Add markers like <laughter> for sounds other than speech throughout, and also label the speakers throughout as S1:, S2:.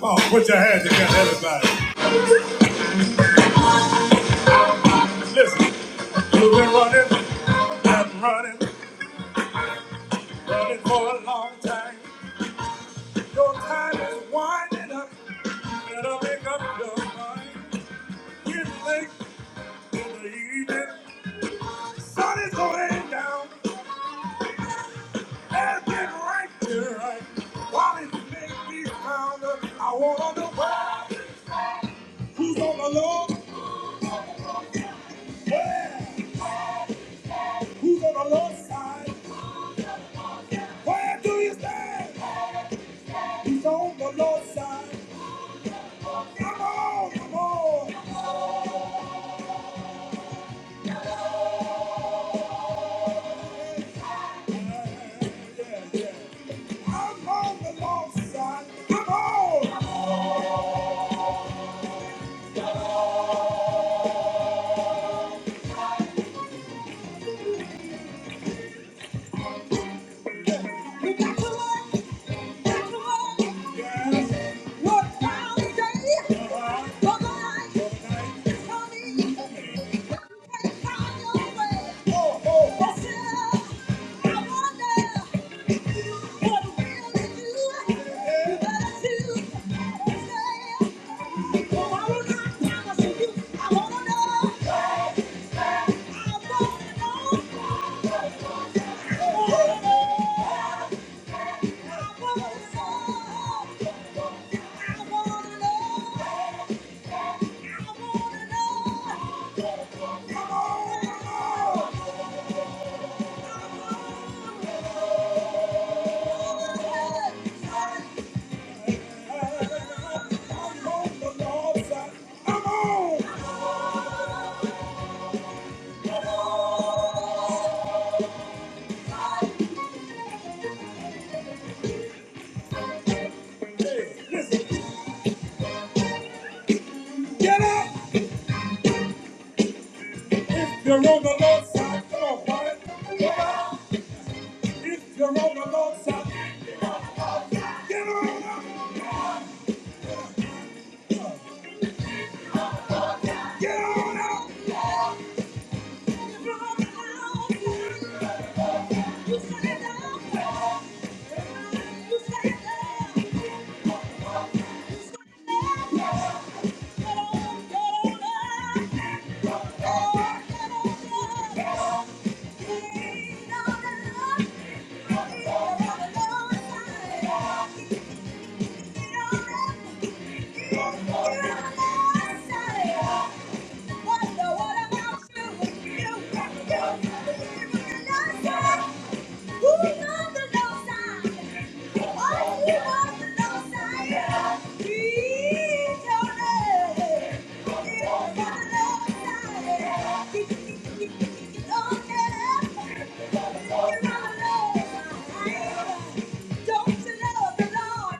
S1: Come on, put your hands together, everybody. Listen, you've been running and running, running for a long time. Your time is winding up. You better make up your mind. It's late in the evening. Sun is going down. And get right to right. While it may be found, I wanna know why. Who's on the low? Where? Who's on the low side? Where do you stand? He's on the Lord's side. Come on, come on. Yeah, yeah. I'm on the Lord's side. Come on. I wanna know. Get up! If you're on the Lord's side, come on, boy. Get up! If you're on the Lord's side, get on up! Get on up! Yeah. Don't you love the Lord?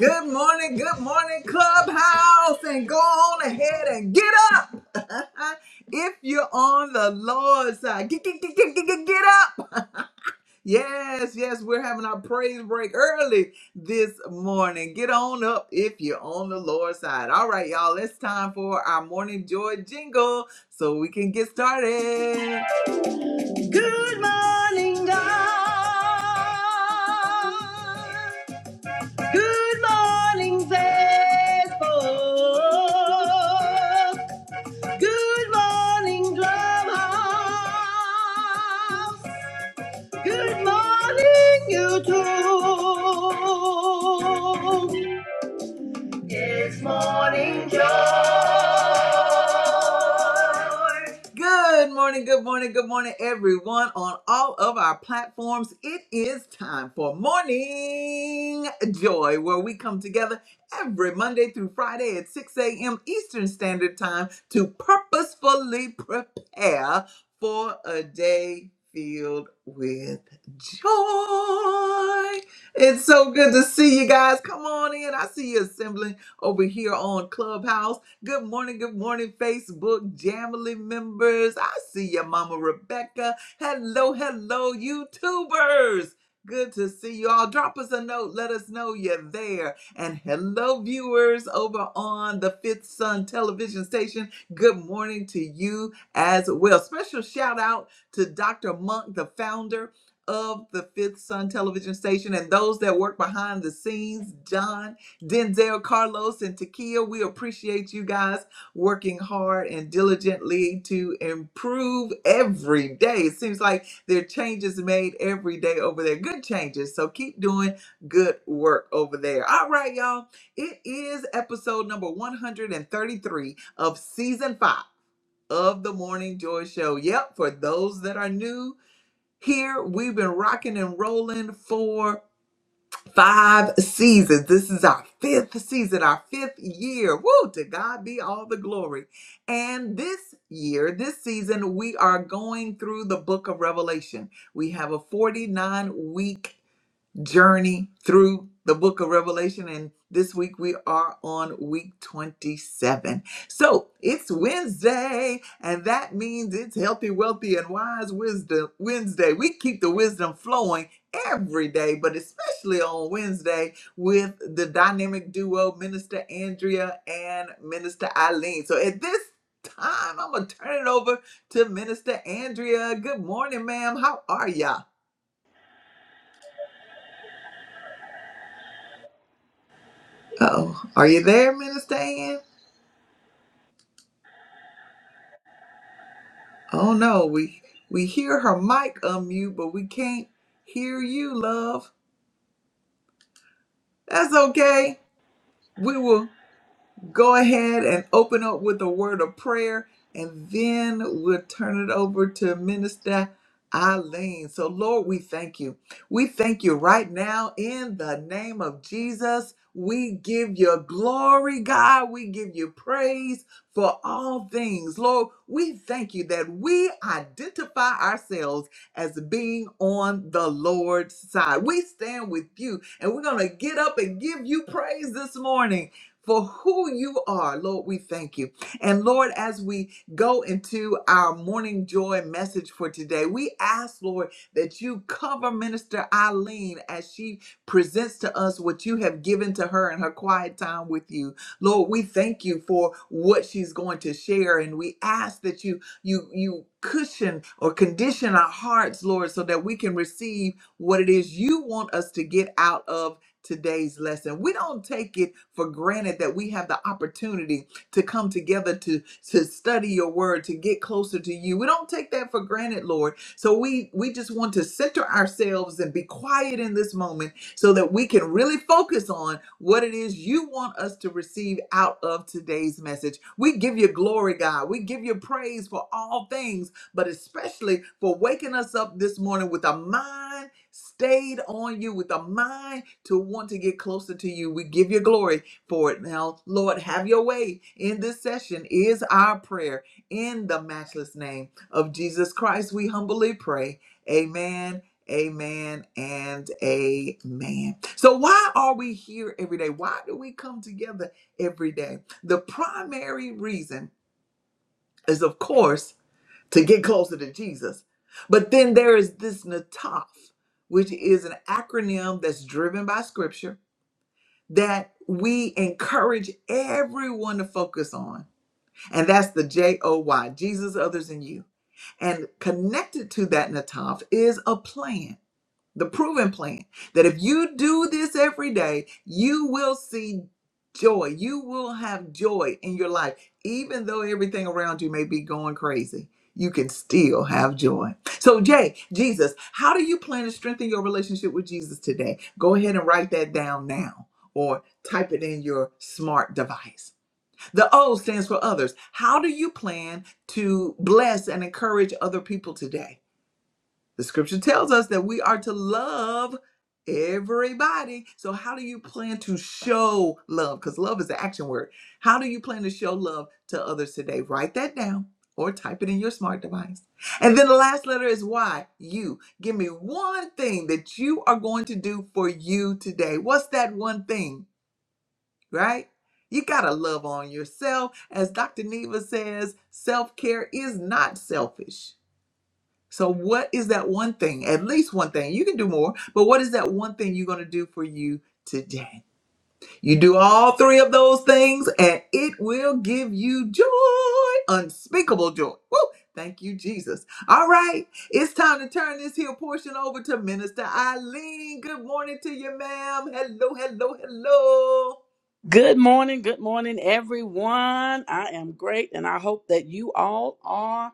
S1: Good morning, good morning, Clubhouse, and go on ahead and get up. <laughs> if you're on the Lord's side, get, get, get, get, get, get get up. <laughs> Yes, yes, we're having our praise break early this morning. Get on up if you're on the Lord's side. All right, y'all, it's time for our morning joy jingle so we can get started. Good morning, good morning, good morning, everyone on all of our platforms. It is time for Morning Joy, where we come together every Monday through Friday at 6 a.m. Eastern Standard Time to purposefully prepare for a day filled with joy. It's so good to see you guys. Come on in. I see you assembling over here on Clubhouse. Good morning, good morning, Facebook Jamily members. I see your Mama Rebecca. Hello, hello, YouTubers. Good to see you all. Drop us a note. Let us know you're there. And hello, viewers over on the Fifth Sun television station. Good morning to you as well. Special shout out to Dr. Monk, the founder of the Fifth Sun television station, and those that work behind the scenes, John Denzel, Carlos, and Takia, we appreciate you guys working hard and diligently to improve every day. It seems like there are changes made every day over there. Good changes. So keep doing good work over there. All right, y'all. It is episode number 133 of season five of the Morning Joy Show. Yep, for those that are new here, we've been rocking and rolling for Five seasons. This is our fifth season, our fifth year. Woo! To God be all the glory. And this year, this season, we are going through the book of Revelation. We have a 49 week journey through the book of Revelation. And this week we are on week 27. So it's Wednesday, and that means it's healthy, wealthy, and wise wisdom Wednesday. We keep the wisdom flowing every day, but especially on Wednesday with the dynamic duo, Minister Andrea and Minister Eileen. So at this time, I'm going to turn it over to Minister Andrea. Good morning, ma'am. How are ya? Uh oh. Are you there, Minister Ann? Oh no, we we hear her mic unmute, but we can't hear you, love. That's okay. We will go ahead and open up with a word of prayer, and then we'll turn it over to Minister Eileen. So, Lord, we thank you. We thank you right now in the name of Jesus. We give you glory, God. We give you praise for all things. Lord, we thank you that we identify ourselves as being on the Lord's side. We stand with you and we're going to get up and give you praise this morning for who you are. Lord, we thank you. And Lord, as we go into our morning joy message for today, we ask, Lord, that you cover Minister Eileen as she presents to us what you have given to her in her quiet time with you. Lord, we thank you for what she's going to share. And we ask that you you you cushion or condition our hearts, Lord, so that we can receive what it is you want us to get out of today's lesson. We don't take it for granted that we have the opportunity to come together to, to study your word, to get closer to you. We don't take that for granted, Lord. So we, we just want to center ourselves and be quiet in this moment so that we can really focus on what it is you want us to receive out of today's message. We give you glory, God. We give you praise for all things, but especially for waking us up this morning with a mind stayed on you, with a mind to want to get closer to you. We give you glory for it now. Lord, have your way in this session, is our prayer. In the matchless name of Jesus Christ, we humbly pray. Amen. Amen and amen. So, why are we here every day? Why do we come together every day? The primary reason is, of course, to get closer to Jesus. But then there is this NATOF, which is an acronym that's driven by scripture that we encourage everyone to focus on. And that's the J O Y, Jesus, others, and you. And connected to that, Nataf, is a plan the proven plan that if you do this every day, you will see joy. You will have joy in your life. Even though everything around you may be going crazy, you can still have joy. So, Jay, Jesus, how do you plan to strengthen your relationship with Jesus today? Go ahead and write that down now or type it in your smart device. The O stands for others. How do you plan to bless and encourage other people today? The scripture tells us that we are to love everybody. So, how do you plan to show love? Because love is the action word. How do you plan to show love to others today? Write that down or type it in your smart device. And then the last letter is Y, you. Give me one thing that you are going to do for you today. What's that one thing, right? You got to love on yourself. As Dr. Neva says, self care is not selfish. So, what is that one thing? At least one thing. You can do more, but what is that one thing you're going to do for you today? You do all three of those things, and it will give you joy, unspeakable joy. Woo! Thank you, Jesus. All right, it's time to turn this here portion over to Minister Eileen. Good morning to you, ma'am. Hello, hello, hello.
S2: Good morning, good morning, everyone. I am great, and I hope that you all are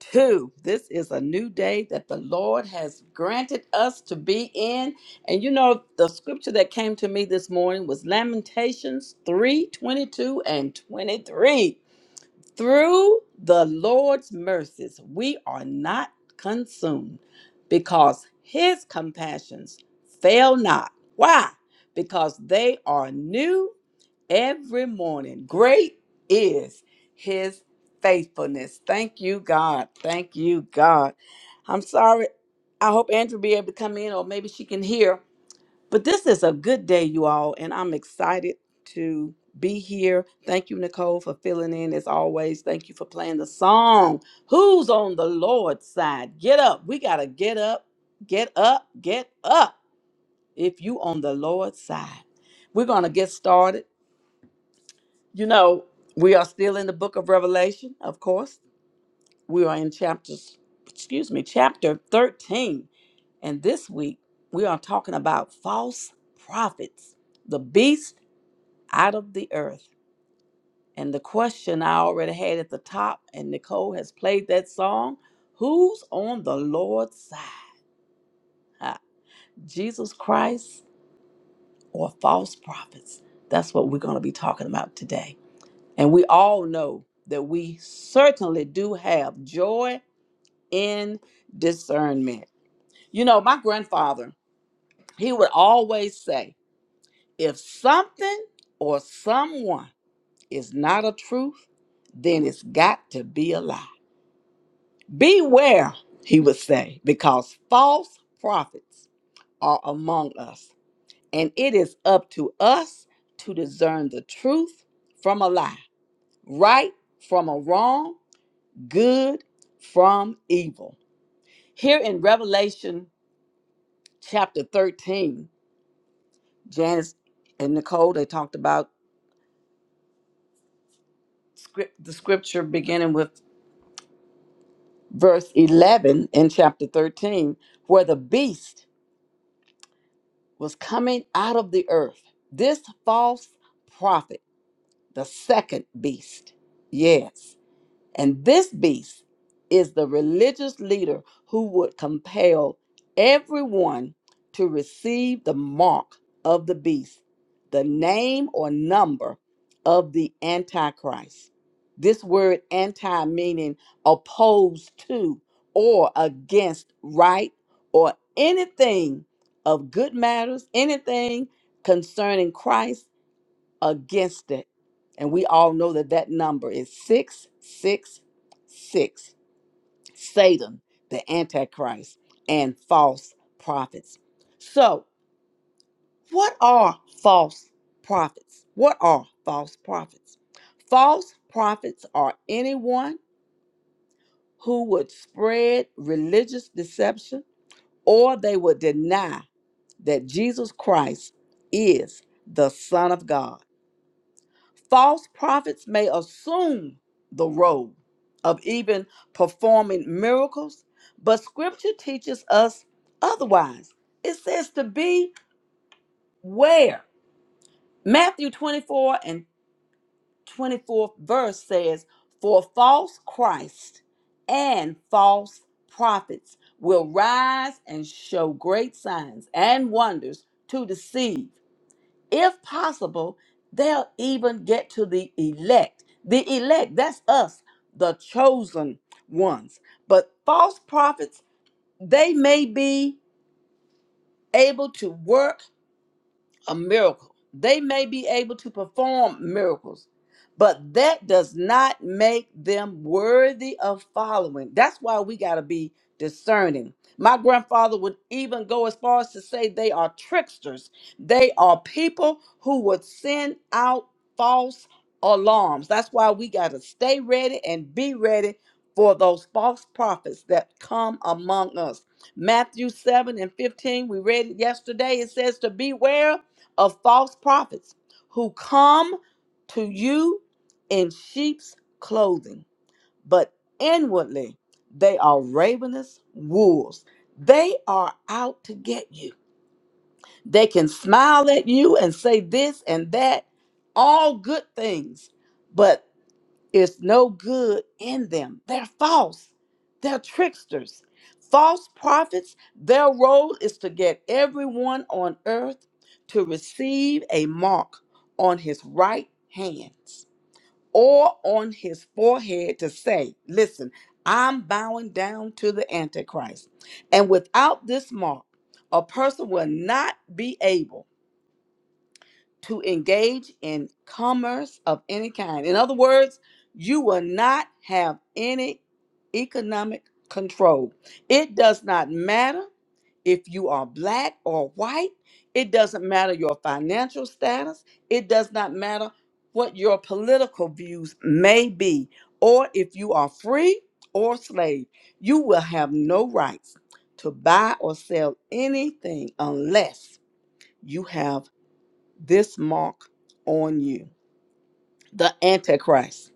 S2: too. This is a new day that the Lord has granted us to be in. And you know, the scripture that came to me this morning was Lamentations 3 22 and 23. Through the Lord's mercies, we are not consumed because his compassions fail not. Why? Because they are new every morning. Great is his faithfulness. Thank you, God. Thank you, God. I'm sorry. I hope Andrew be able to come in, or maybe she can hear. But this is a good day, you all, and I'm excited to be here. Thank you, Nicole, for filling in as always. Thank you for playing the song. Who's on the Lord's side? Get up. We got to get up, get up, get up if you on the Lord's side. We're going to get started. You know, we are still in the book of Revelation, of course. We are in chapters, excuse me, chapter 13. And this week we are talking about false prophets, the beast out of the earth. And the question I already had at the top, and Nicole has played that song Who's on the Lord's side? Ah, Jesus Christ or false prophets? That's what we're going to be talking about today. And we all know that we certainly do have joy in discernment. You know, my grandfather, he would always say, if something or someone is not a truth, then it's got to be a lie. Beware, he would say, because false prophets are among us, and it is up to us to discern the truth from a lie, right from a wrong, good from evil. Here in Revelation chapter 13, Janice and Nicole, they talked about script, the scripture beginning with verse 11 in chapter 13, where the beast was coming out of the earth. This false prophet, the second beast. Yes. And this beast is the religious leader who would compel everyone to receive the mark of the beast, the name or number of the Antichrist. This word anti meaning opposed to or against right or anything of good matters, anything concerning Christ against it. And we all know that that number is 666 Satan, the Antichrist, and false prophets. So, what are false prophets? What are false prophets? False prophets are anyone who would spread religious deception or they would deny that Jesus Christ is the Son of God. False prophets may assume the role of even performing miracles, but scripture teaches us otherwise. It says to beware. Matthew 24 and 24th verse says, For false Christ and false prophets will rise and show great signs and wonders to deceive if possible, they'll even get to the elect. The elect, that's us, the chosen ones. But false prophets, they may be able to work a miracle. They may be able to perform miracles, but that does not make them worthy of following. That's why we got to be discerning. My grandfather would even go as far as to say they are tricksters. They are people who would send out false alarms. That's why we got to stay ready and be ready for those false prophets that come among us. Matthew 7 and 15, we read it yesterday. It says to beware of false prophets who come to you in sheep's clothing, but inwardly they are ravenous wolves. They are out to get you. They can smile at you and say this and that, all good things, but is no good in them. They're false. They're tricksters. False prophets, their role is to get everyone on earth to receive a mark on his right hands or on his forehead to say, Listen, I'm bowing down to the Antichrist. And without this mark, a person will not be able to engage in commerce of any kind. In other words, you will not have any economic control. It does not matter if you are black or white, it doesn't matter your financial status, it does not matter what your political views may be, or if you are free or slave. You will have no rights to buy or sell anything unless you have this mark on you the antichrist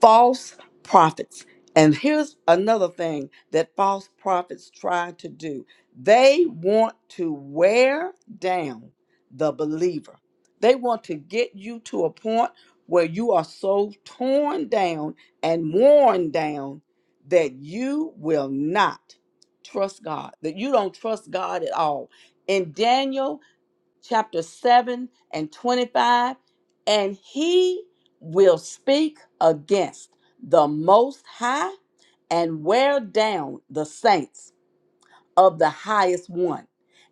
S2: false prophets and here's another thing that false prophets try to do they want to wear down the believer they want to get you to a point where you are so torn down and worn down that you will not trust god that you don't trust god at all in daniel chapter 7 and 25, and he will speak against the Most High and wear down the saints of the highest one,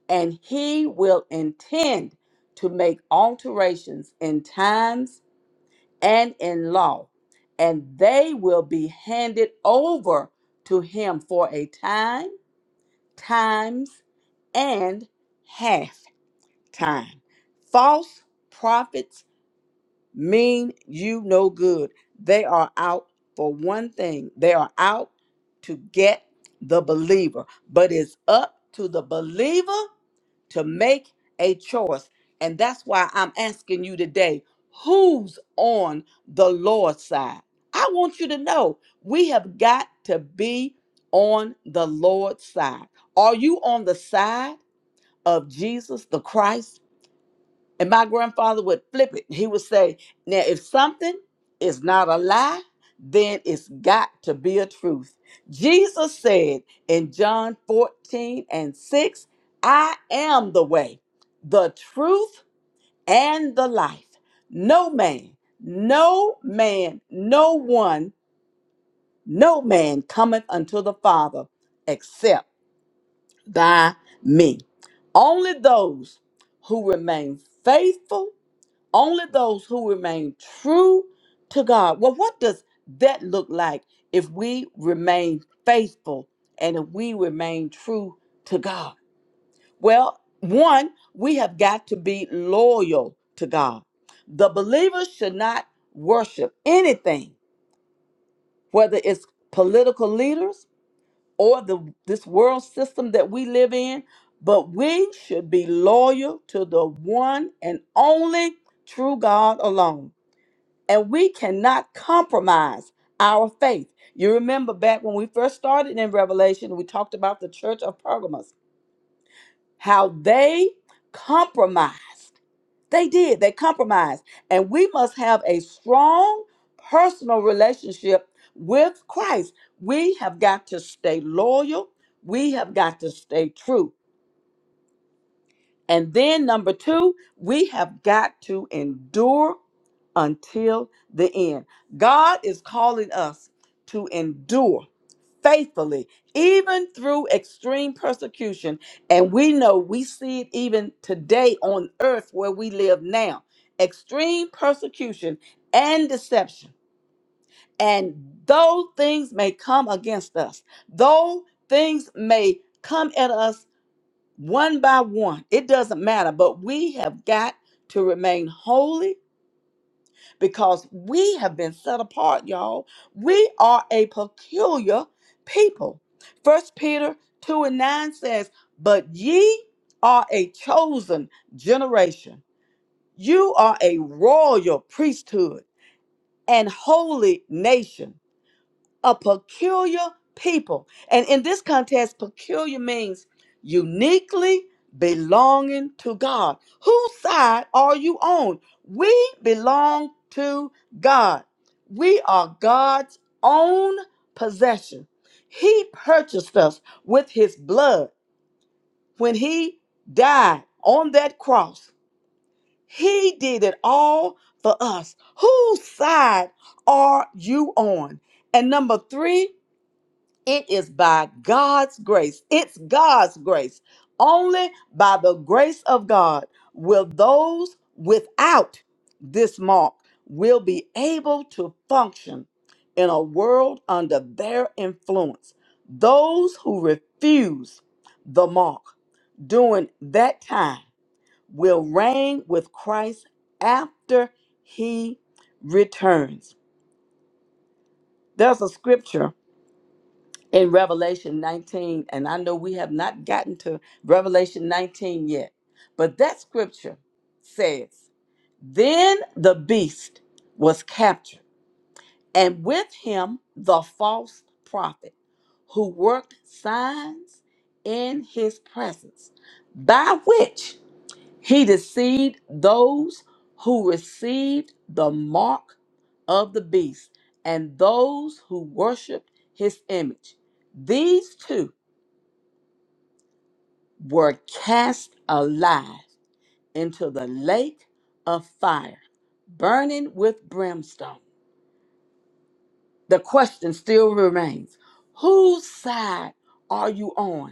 S2: and he will intend to make alterations in times and in law, and they will be handed over to him for a time, times, and half time. False prophets mean you no good. They are out for one thing, they are out to get the believer. But it's up to the believer to make a choice. And that's why I'm asking you today who's on the Lord's side? I want you to know we have got to be on the Lord's side. Are you on the side of Jesus the Christ? And my grandfather would flip it. He would say, Now, if something is not a lie, then it's got to be a truth. Jesus said in John 14 and 6, I am the way, the truth, and the life. No man, no man, no one, no man cometh unto the Father except by me. Only those who remain faithful only those who remain true to God. Well, what does that look like if we remain faithful and if we remain true to God? Well, one, we have got to be loyal to God. The believers should not worship anything, whether it's political leaders or the this world system that we live in, but we should be loyal to the one and only true God alone and we cannot compromise our faith. You remember back when we first started in Revelation, we talked about the church of Pergamos, how they compromised. They did, they compromised. And we must have a strong personal relationship with Christ. We have got to stay loyal, we have got to stay true. And then number two, we have got to endure until the end. God is calling us to endure faithfully, even through extreme persecution. And we know we see it even today on earth where we live now extreme persecution and deception. And though things may come against us, though things may come at us one by one. It doesn't matter, but we have got to remain holy because we have been set apart, y'all. We are a peculiar people. First Peter 2 and 9 says, But ye are a chosen generation. You are a royal priesthood and holy nation a peculiar people. And in this context, peculiar means uniquely belonging to God. Whose side are you on? We belong to God. We are God's own possession. He purchased us with his blood when he died on that cross. He did it all for us. Whose side are you on? And number three, it is by God's grace. It's God's grace. Only by the grace of God will those without this mark will be able to function in a world under their influence. Those who refuse the mark during that time will reign with Christ after he returns. There's a scripture in Revelation 19, and I know we have not gotten to Revelation 19 yet, but that scripture says, Then the beast was captured, and with him the false prophet who worked signs in his presence, by which he deceived those who received the mark of the beast and those who worshiped his image. These two were cast alive into the lake of fire, burning with brimstone. The question still remains whose side are you on?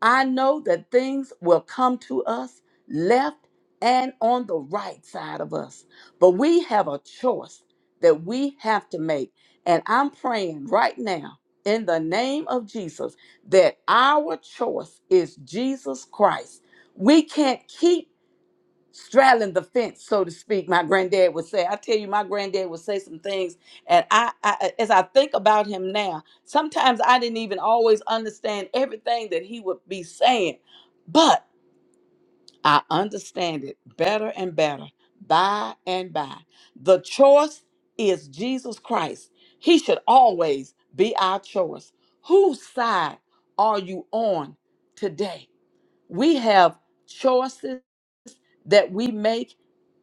S2: I know that things will come to us left and on the right side of us. But we have a choice that we have to make. And I'm praying right now in the name of Jesus that our choice is Jesus Christ. We can't keep straddling the fence, so to speak. My granddad would say, I tell you, my granddad would say some things, and I, I as I think about him now, sometimes I didn't even always understand everything that he would be saying, but I understand it better and better by and by. The choice is Jesus Christ. He should always be our choice. Whose side are you on today? We have choices that we make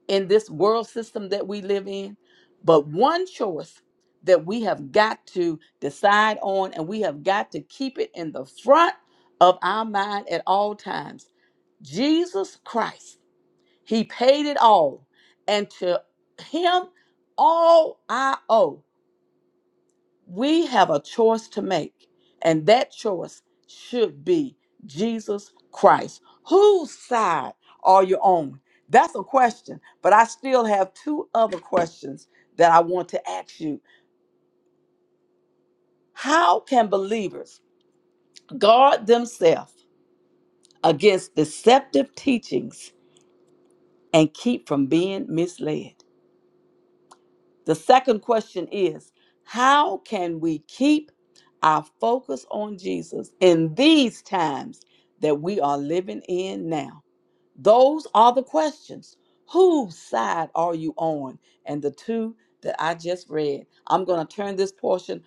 S2: in this world system that we live in, but one choice that we have got to decide on and we have got to keep it in the front of our mind at all times. Jesus Christ, He paid it all, and to Him all I owe. We have a choice to make, and that choice should be Jesus Christ. Whose side are you on? That's a question, but I still have two other questions that I want to ask you. How can believers guard themselves against deceptive teachings and keep from being misled? The second question is how can we keep our focus on Jesus in these times that we are living in now? Those are the questions. Whose side are you on? And the two that I just read. I'm going to turn this portion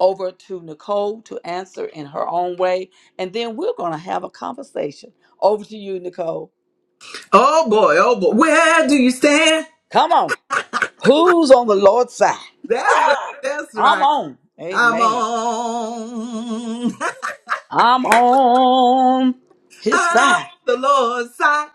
S2: over to Nicole to answer in her own way, and then we're going to have a conversation. Over to you, Nicole.
S1: Oh boy, oh boy. Where do you stand?
S2: Come on. Who's on the Lord's side?
S1: That's right. That's
S2: Come
S1: right.
S2: on.
S1: I'm
S2: Amen.
S1: on. <laughs>
S2: I'm on his
S1: I'm
S2: side.
S1: the Lord's side.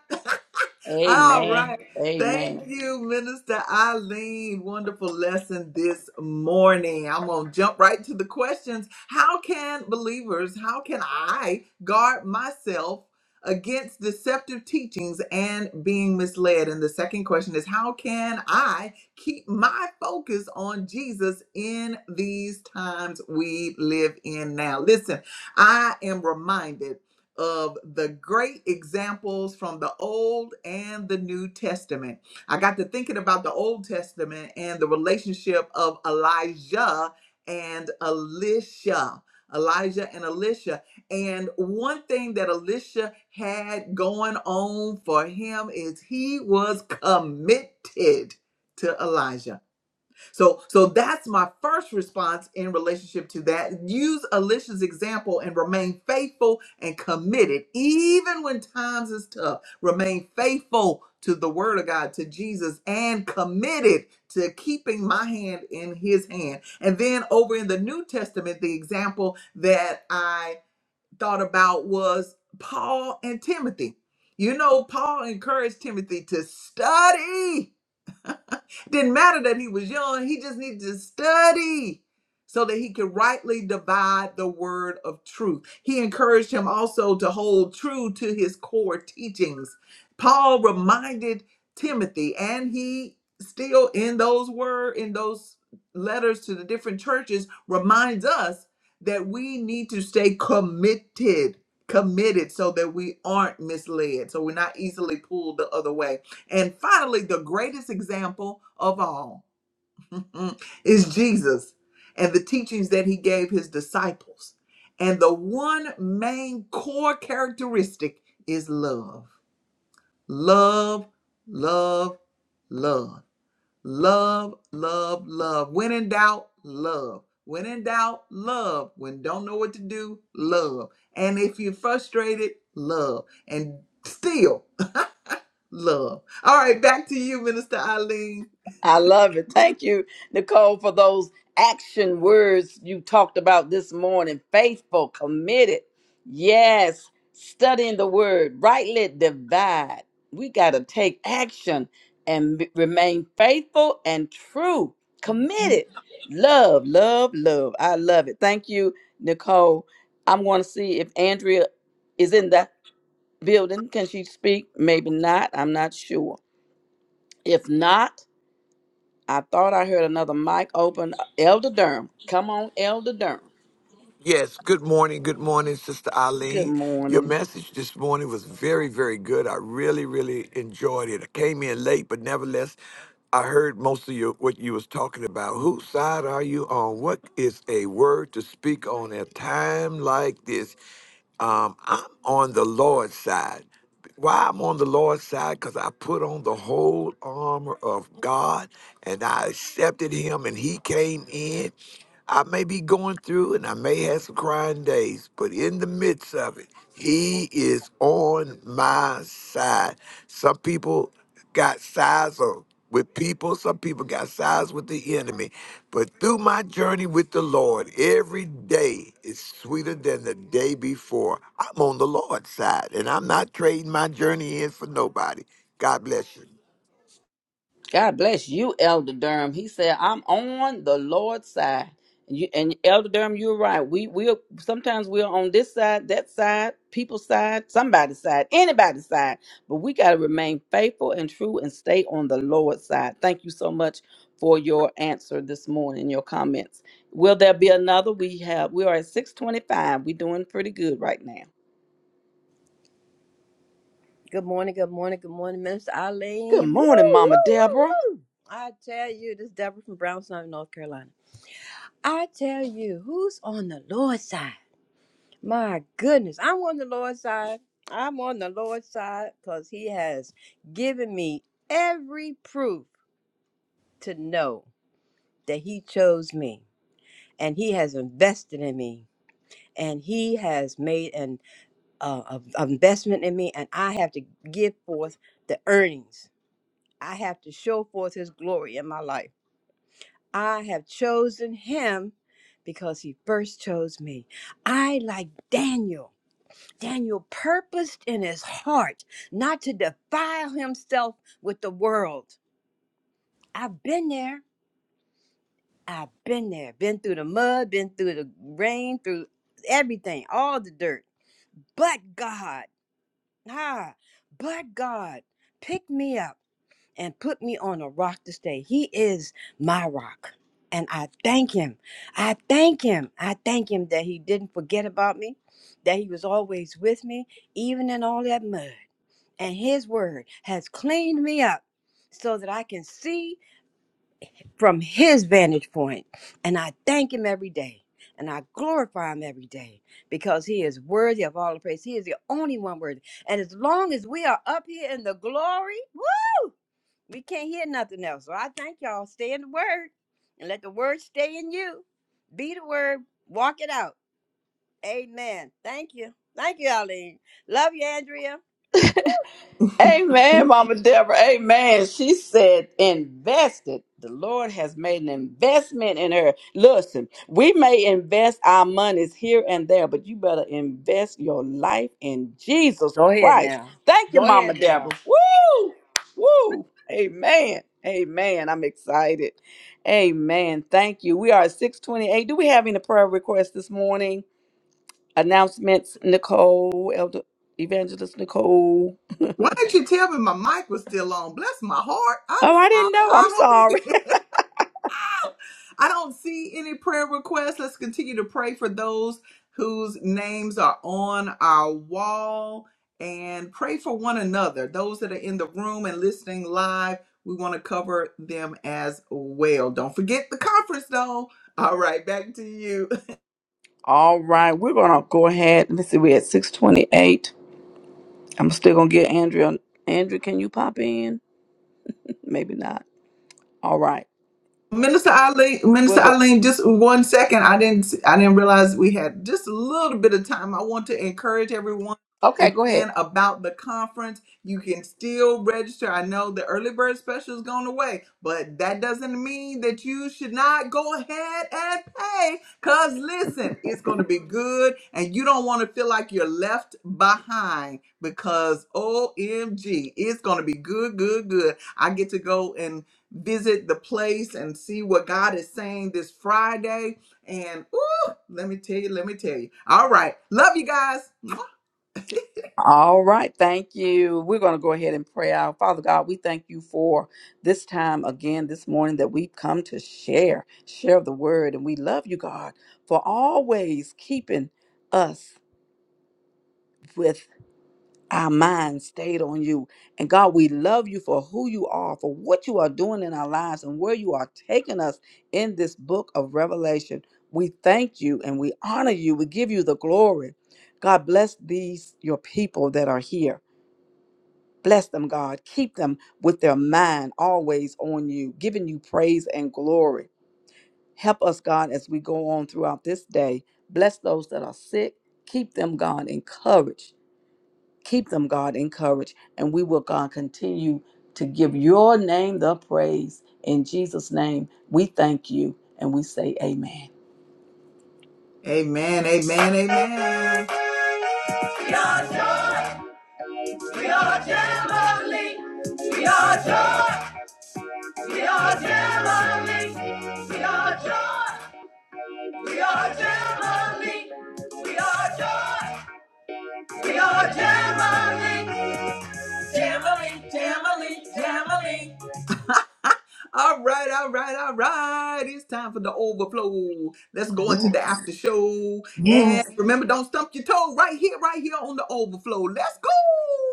S1: All
S2: Amen.
S1: right.
S2: Amen.
S1: Thank you, Minister Eileen. Wonderful lesson this morning. I'm going to jump right to the questions. How can believers, how can I guard myself against deceptive teachings and being misled? And the second question is, how can I keep my focus on Jesus in these times we live in now? Listen, I am reminded of the great examples from the Old and the New Testament. I got to thinking about the Old Testament and the relationship of Elijah and Elisha. Elijah and Elisha. And one thing that Elisha had going on for him is he was committed to Elijah. So so that's my first response in relationship to that. Use Alicia's example and remain faithful and committed even when times is tough. Remain faithful to the word of God, to Jesus and committed to keeping my hand in his hand. And then over in the New Testament the example that I thought about was Paul and Timothy. You know Paul encouraged Timothy to study didn't matter that he was young, he just needed to study so that he could rightly divide the word of truth. He encouraged him also to hold true to his core teachings. Paul reminded Timothy, and he still in those word in those letters to the different churches reminds us that we need to stay committed committed so that we aren't misled so we're not easily pulled the other way and finally, the greatest example of all <laughs> is Jesus and the teachings that he gave his disciples. And the one main core characteristic is love. Love, love, love. Love, love, love. When in doubt, love. When in doubt, love. When don't know what to do, love. And if you're frustrated, love. And still, Love. All right, back to you, Minister Eileen.
S2: I love it. Thank you, Nicole, for those action words you talked about this morning. Faithful, committed. Yes. Studying the word, rightly divide. We got to take action and be- remain faithful and true, committed. Love, love, love. I love it. Thank you, Nicole. I'm going to see if Andrea is in the. building. Can she speak? Maybe not. I'm not sure. If not, I thought I heard another mic open. Elder Durham. Come on, Elder Durham.
S3: Yes, good morning. Good morning, Sister
S2: Good
S3: Eileen. Your
S2: morning.
S3: message this morning was very, very good. I really, really enjoyed it. I came in late, but nevertheless, I heard most of your what you was talking about. Whose side are you on? What is a word to speak on a time like this? Um, I'm on the Lord's side. Why I'm on the Lord's side? Because I put on the whole armor of God and I accepted him and he came in I may be going through and I may have some crying days, but in the midst of it, he is on my side. Some people got sides of- with people, some people got sides with the enemy. But through my journey with the Lord, every day is sweeter than the day before. I'm on the Lord's side and I'm not trading my journey in for nobody. God bless you.
S2: God bless you, Elder Durham. He said, I'm on the Lord's side. And, you, and Elder Durham, you're right. We we sometimes we're on this side, that side, people's side, somebody's side, anybody's side. But we gotta remain faithful and true and stay on the Lord's side. Thank you so much for your answer this morning, your comments. Will there be another? We have we are at 625. We're doing pretty good right now.
S4: Good morning, good morning, good morning, Minister
S2: Good
S4: Eileen. Woo,
S2: morning,
S4: woo,
S2: Mama Deborah.
S4: woo, woo. I tell you, this is Deborah from Brownstown, North Carolina. I tell you, who's on the Lord's side? My goodness, I'm on the Lord's side. I'm on the Lord's side because He has given me every proof to know that He chose me and He has invested in me and He has made an uh, a- a investment in me, and I have to give forth the earnings I have to show forth his glory in my life. I have chosen him because he first chose me. I, like Daniel, Daniel purposed in his heart not to defile himself with the world. I've been there. I've been there. Been through the mud, been through the rain, through everything, all the dirt. But God, ah, but God picked me up and put me on a rock to stay. He is my rock. And I thank him. I thank him. I thank him that he didn't forget about me, that he was always with me, even in all that mud. And his word has cleaned me up so that I can see from his vantage point. And I thank him every day. And I glorify him every day because he is worthy of all the praise. He is the only one worthy. And as long as we are up here in the glory, woo. We can't hear nothing else. So I thank y'all. Stay in the word and let the word stay in you. Be the word. Walk it out. Amen. Thank you. Thank you, Eileen. Love you, Andrea.
S2: Amen, Mama Deborah. Amen. She said, invested. The Lord has made an investment in her. Listen, we may invest our monies here and there, but you better invest your life in Jesus
S4: Go ahead
S2: Christ.
S4: now.
S2: Thank you,
S4: Go
S2: Mama
S4: ahead
S2: Deborah.
S4: now.
S2: Woo! Woo! Amen. Amen. I'm excited. Amen. Thank you. We are at 628. Do we have any prayer requests this morning? Announcements, Nicole, Elder Evangelist Nicole.
S1: Why didn't you tell me my mic was still on? Bless my heart.
S2: Oh,
S1: I'm
S2: I didn't
S1: sorry.
S2: know. I'm
S1: I hope it.
S2: sorry.
S1: did. I don't see any prayer requests. Let's continue to pray for those whose names are on our wall and pray for one another. Those that are in the room and listening live, we want to cover them as well. Don't forget the conference though. All right, back to you.
S2: <laughs> All right, we're gonna go ahead. Let's see, we're at six twenty-eight. I'm still gonna get Andrea. Andrea, can you pop in? Maybe not. All right,
S1: Minister Eileen,
S2: we're
S1: Minister
S2: go.
S1: Eileen, just one second. I didn't, I didn't realize we had just a little bit of time. I want to encourage everyone
S2: Okay, go ahead.
S1: again about the conference. You can still register. I know the early bird special is going away, but that doesn't mean that you should not go ahead and pay. Cause listen, it's going to be good, and you don't want to feel like you're left behind because OMG, it's going to be good, good, good. I get to go visit the place and see what God is saying this Friday. And ooh, let me tell you, let me tell you. All right. Love you guys.
S2: All right, thank you. We're going to go ahead and pray out. Father God, we thank you for this time again this morning that we've come to share, share the word. And we love you, God, for always keeping us with. our mind stayed on you. And God, we love you for who you are, for what you are doing in our lives, and where you are taking us in this book of Revelation. We thank you and we honor you. We give you the glory. God, bless these, your people that are here. Bless them, God. Keep them with their mind always on you, giving you praise and glory. Help us, God, as we go on throughout this day. Bless those that are sick. Keep them, God, encouraged Keep them, God, encouraged. And we will, God, continue to give your name the praise. In Jesus' name, we thank you and we say amen.
S1: Amen. Amen. Amen. We are joy. We are family. We are joy. We are family. We are joy. We are family. We are joy. We are family. Family. Family. Family. All right, all right, all right. It's time for the overflow. Let's go into the after show.
S2: Yes.
S1: And remember, don't stump your toe right here, right here on the overflow. Let's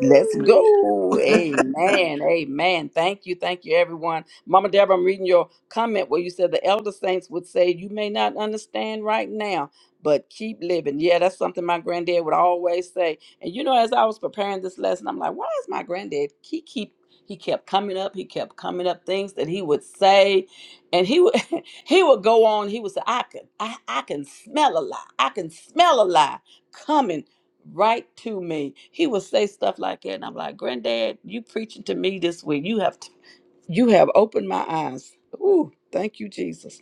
S2: Let's go. Amen. Amen. Thank you. Thank you, everyone. Mama Deborah, I'm reading your comment where you said the elder saints would say, You may not understand right now, but keep living. Yeah, that's something my granddad would always say. And you know, as I was preparing this lesson, I'm like, why is my granddad he keep he kept coming up, he kept coming up things that he would say. And he would <laughs> he would go on, he would say, I can I, I can smell a lie. I can smell a lie coming right to me. He would say stuff like that, and I'm like, Granddad, you preaching to me this week. You have you have opened my eyes. Ooh, thank you, Jesus.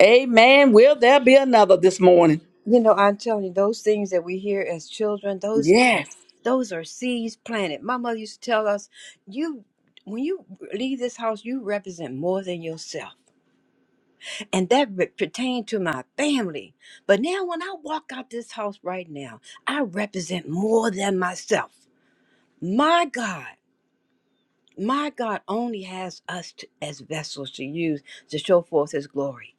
S2: Amen. Will there be another this morning?
S4: You know, I'm telling you, those things that we hear as children, those
S2: Yes.
S4: those are seeds planted. My mother used to tell us, you when you leave this house, you represent more than yourself. and that re- pertained to my family. But now, when I walk out this house right now, I represent more than myself. My God, my God only has us to, as vessels to use to show forth His glory.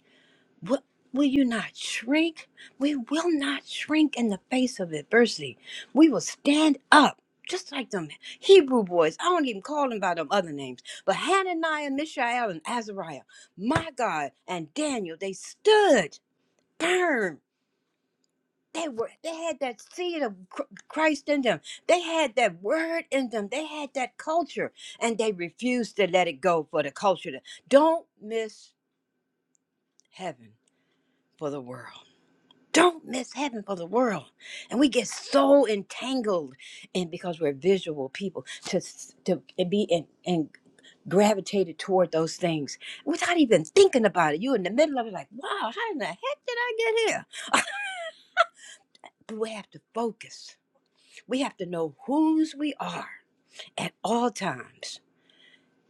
S4: What will you not shrink? We will not shrink in the face of adversity. We will stand up. Just like them Hebrew boys, I don't even call them by them other names, but Hananiah, Mishael, and Azariah, my God, and Daniel, they stood firm. They were they had that seed of Chr- Christ in them. They had that word in them. They had that culture and they refused to let it go for the culture. to- Don't miss heaven for the world. Don't miss heaven for the world. And we get so entangled and because we're visual people to s- to be in, in gravitated toward those things without even thinking about it. You're in the middle of it like, wow, how in the heck did I get here? <laughs> But we have to focus We have to know whose we are at all times.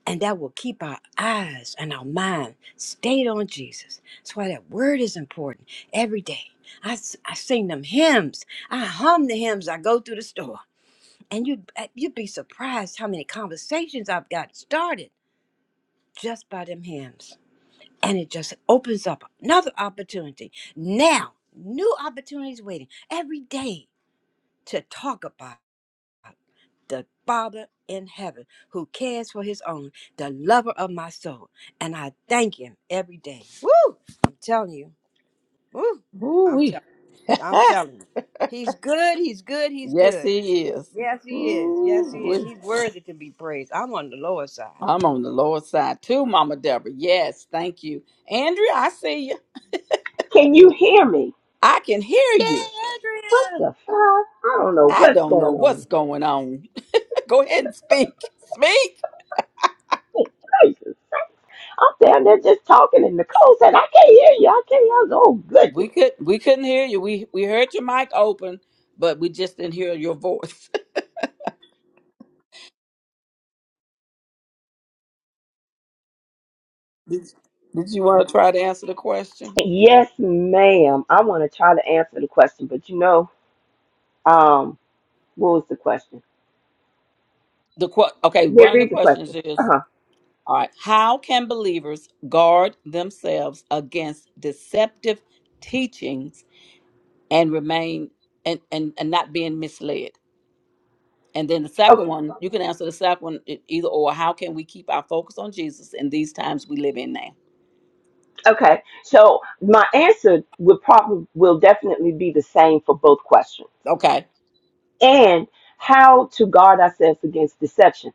S4: And that will keep our eyes and our mind stayed on Jesus. That's why that word is important every day. I, s- I sing them hymns. I hum the hymns. I go through the store. And you, would you'd be surprised how many conversations I've got started just by them hymns. And it just opens up another opportunity. Now, new opportunities waiting every day to talk about. the Father in heaven who cares for his own, the lover of my soul. And I thank him every day. Woo! I'm telling you. Woo! I'm
S2: Ooh-wee.
S4: telling I'm
S2: <laughs>
S4: telling you. He's good, he's good, he's
S2: Yes,
S4: good.
S2: he is.
S4: Yes, he is. Yes, he is.
S2: Ooh-wee.
S4: He's worthy to be praised. I'm on the lower side.
S2: I'm on the Lord's side too, Mama Deborah. Yes, thank you. Andrea, I see you.
S5: Can you hear me?
S2: I can hear
S4: Yay,
S2: you.
S5: What
S4: Andrea!
S5: the fuck? I don't know
S2: I
S5: what's
S2: don't know
S5: going
S2: what's
S5: on.
S2: going on. <laughs> Go ahead and speak. Speak.
S5: Hey, Jesus. I'm down there just talking and Nicole said, I can't hear you. I can't hear you. Oh,
S2: We
S5: goodness.
S2: could we couldn't hear you. We we heard your mic open, but we just didn't hear your voice. <laughs> did, did you want to try to answer the question?
S5: Yes, ma'am. I want to try to answer the question, but you know, um, what was the question?
S2: The que- okay,
S5: Yeah,
S2: one of the
S5: read the
S2: questions
S5: question.
S2: is
S5: Uh-huh.
S2: all right, how can believers guard themselves against deceptive teachings and remain and, and, and not being misled? And then the second
S5: Okay.
S2: one, you can answer the second one e- either or. How can we keep our focus on Jesus in these times we live in now?
S5: Okay. So my answer would probably will definitely be the same for both questions.
S2: Okay.
S5: And how to guard ourselves against deception.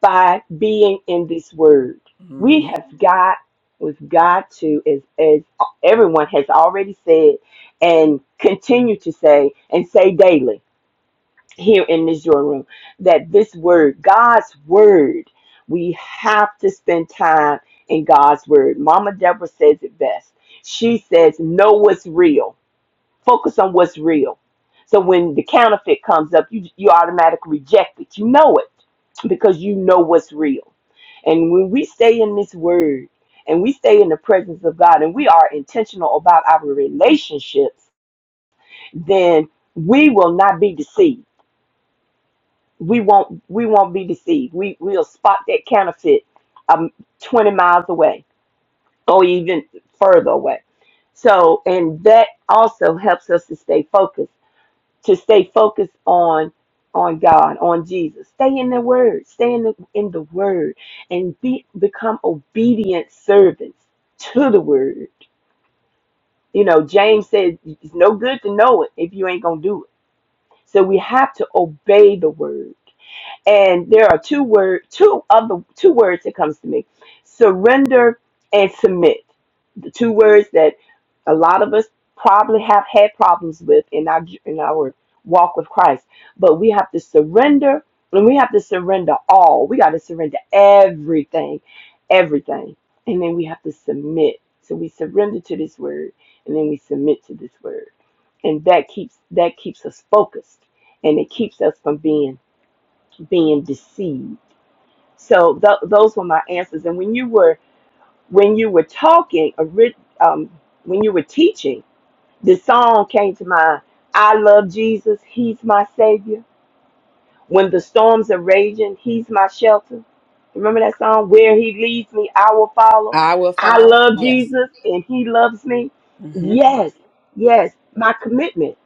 S5: by being in this word. We
S2: hmm
S5: have got, we've got to, as, as everyone has already said and continue to say and say daily here in this joy room, that this word, God's word, we have to spend time in God's word. Mama Deborah says it best. She says, know what's real Focus on what's real. So when the counterfeit comes up, you you automatically reject it. You know it because you know what's real. And when we stay in this word and we stay in the presence of God and we are intentional about our relationships, then we will not be deceived. We won't we won't be deceived. We we'll spot that counterfeit um 20 miles away or even further away. So, and that also helps us to stay focused. to stay focused on on God, on Jesus. Stay in the word. Stay in the in the word and be become obedient servants to the word. You know, James says it's no good to know it if you ain't gonna do it. So we have to obey the word. And there are two word two of the two words that comes to me. Surrender and submit. The two words that a lot of us probably have had problems with in our in our walk with Christ. But we have to surrender and we have to surrender all. We got to surrender everything. Everything. And then we have to submit. So we surrender to this word and then we submit to this word and that keeps that keeps us focused and it keeps us from being being deceived. So th- those were my answers. And when you were when you were talking, ori- um, when you were teaching, the song came to mind. I love Jesus. He's my savior. When the storms are raging, He's my shelter. Remember that song? Where He leads me, I will follow.
S2: I will
S5: I
S2: follow.
S5: love
S2: Yes.
S5: Jesus, and He loves me. Yes, yes. My commitment.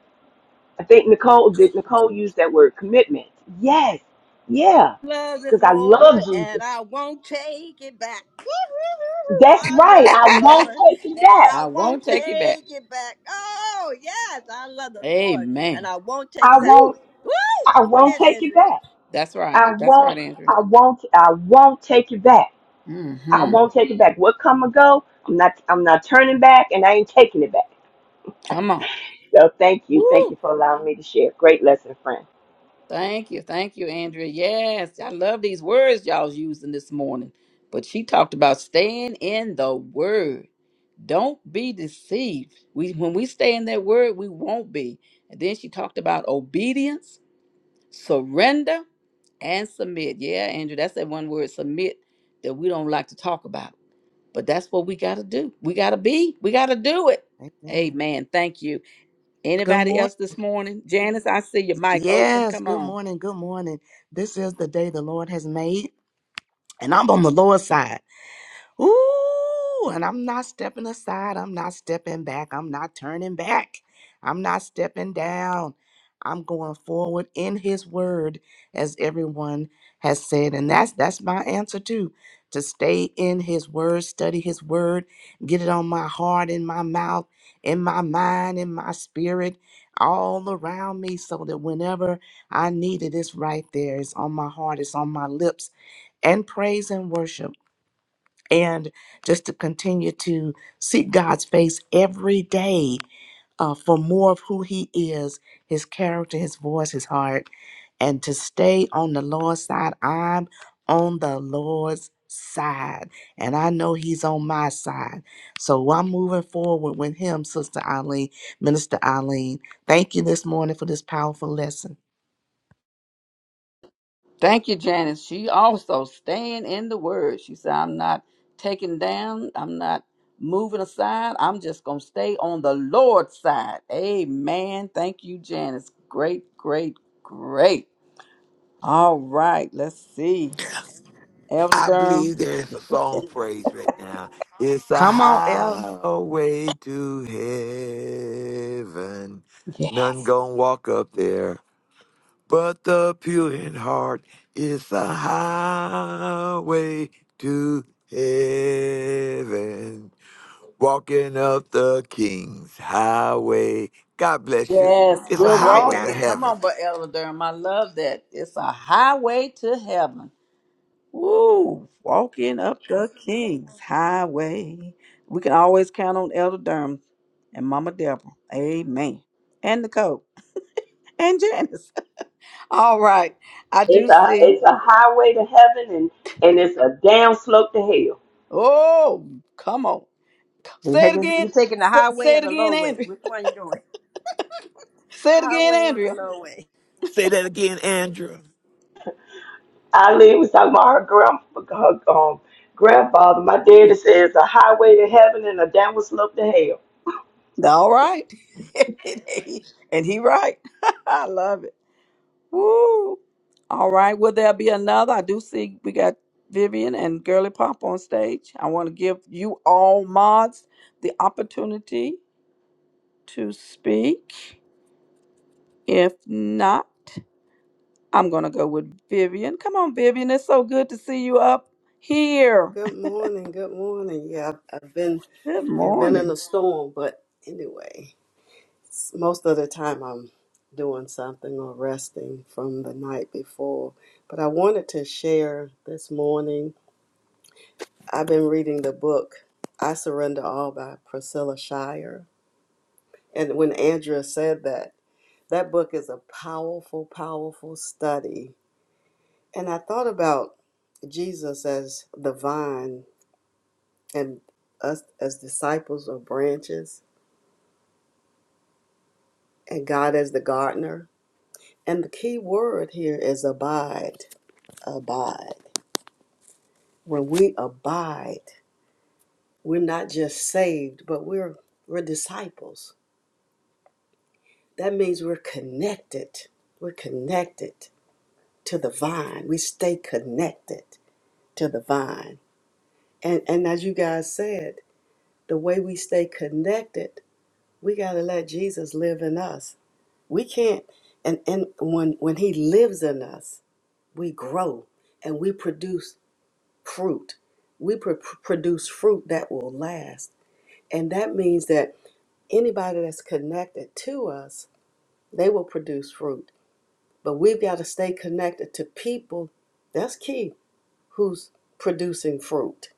S5: I think Nicole did. Nicole use that word commitment. Yes, yeah
S4: love the
S5: because I love
S4: Lord
S5: Jesus.
S4: and I won't take it back. Woo-hoo-hoo-hoo.
S5: That's
S4: I
S5: right.
S4: love
S5: I
S4: the
S2: I
S5: won't
S4: Lord
S5: take it
S4: and
S5: back.
S4: I
S2: won't
S4: won't
S2: take it back.
S4: take it back. Oh, yes, I love the Lord and
S2: Amen.
S4: I won't take
S5: I
S4: it back.
S5: won't.
S2: Woo.
S4: Woo!
S5: I
S4: Go
S5: won't
S4: ahead,
S5: take it
S4: Andrea.
S5: back.
S2: That's right.
S5: I
S2: That's right,
S5: won't.
S2: Andrew.
S5: I won't. I won't take it back. I
S2: Mm-hmm.
S5: won't take it back. What come and go? I'm not. I'm not turning back, and I ain't taking it back.
S2: Come on.
S5: So thank you. Thank
S2: Woo.
S5: you for allowing me to share. Great lesson, friend.
S2: Thank you. Thank you, Andrea. Yes. I love these words y'all's using this morning. But she talked about staying in the word. Don't be deceived. We when we stay in that word, we won't be. And then she talked about obedience, surrender, and submit. Yeah, Andrew, that's that one word, submit, that we don't like to talk about But that's what we got to do. We got to be. We got to do it.
S6: Amen.
S2: Amen. Thank you.
S6: Good
S2: Anybody
S6: morning.
S2: else this morning? Janice, I see your mic open.
S6: Yes,
S2: Come
S6: good
S2: on.
S6: morning. Good morning. This is the day the Lord has made, and I'm on the Lord's side. Ooh, and I'm not stepping aside. I'm not stepping back. I'm not turning back. I'm not stepping down. I'm going forward in his word, as everyone has said. And that's that's my answer too. To stay in his word, study his word, get it on my heart, in my mouth, in my mind, in my spirit, all around me, so that whenever I need it, it's right there. It's on my heart, it's on my lips. And praise and worship and just to continue to seek God's face every day uh, for more of who He is, His character, His voice, His heart, and to stay on the Lord's side. I'm on the Lord's side, and I know He's on my side. So I'm moving forward with Him, Sister Eileen, Minister Eileen. Thank you this morning for this powerful lesson.
S2: Thank you, Janice. She also staying in the word. She said, I'm not taken down. I'm not moving aside. I'm just going to stay on the Lord's side. Amen. Thank you, Janice. Great, great, great. All right. Let's see. Elder
S3: I believe
S2: Durham.
S3: there is a song praise right now. It's a
S6: Come on, Elder.
S3: highway to heaven. None gonna walk up there, but the pure in heart. It's a highway to heaven. Walking up the King's highway. God bless you.
S2: Yes,
S3: It's a
S6: All
S2: we're
S6: right
S3: highway
S6: now.
S3: to
S2: walking. Come
S3: heaven.
S2: on, but Elder Durham, I love that. It's a highway to heaven. Woo, walking up the King's highway. We can always count on Elder Durham and Mama Deborah. Amen. And Nicole and Janice. <laughs> All right, I
S5: It's
S2: do
S5: a.
S2: see.
S5: It's a highway to heaven, and and it's a down slope to hell.
S2: Oh, come on. Say it again.
S4: You're taking the
S2: S-
S4: highway
S2: Say
S4: or
S2: it
S4: the
S2: again,
S4: low way?
S2: Andrea.
S4: Which one are you doing?
S2: <laughs> Say it again,
S4: Highway or the
S2: Andrea.
S4: low way?
S3: Say that again, Andrew.
S5: Eileen was talking about her grand, her um, grandfather. My daddy says a highway to heaven and a downward slope to hell.
S2: All right. <laughs> and he right. <laughs> I love it. Woo! All right. Will there be another? I do see we got Vivian and Girly Pop on stage. I want to give you all mods the opportunity to speak. If not, I'm going to go with Vivian. Come on, Vivian. It's so good to see you up here.
S7: Good morning. Good morning. Yeah, I've, I've been
S2: Good
S7: yeah been in
S2: morning.
S7: a storm, but anyway, s- most of the time I'm doing something or resting from the night before. But I wanted to share this morning. I've been reading the book "I Surrender All" by Priscilla Shire, and when Andrea said that, that book is a powerful, powerful study. And I thought about Jesus as the vine and us as disciples or branches and God as the gardener. And the key word here is abide, abide. When we abide, we're not just saved, but we're we're disciples. That means we're connected. We're connected to the vine. We stay connected to the vine. And and as you guys said, the way we stay connected, we got to let Jesus live in us. We can't and and when when he lives in us, we grow and we produce fruit. We pr- produce fruit that will last. And that means that anybody that's connected to us, they will produce fruit. But we've got to stay connected to people, that's key, who's producing fruit.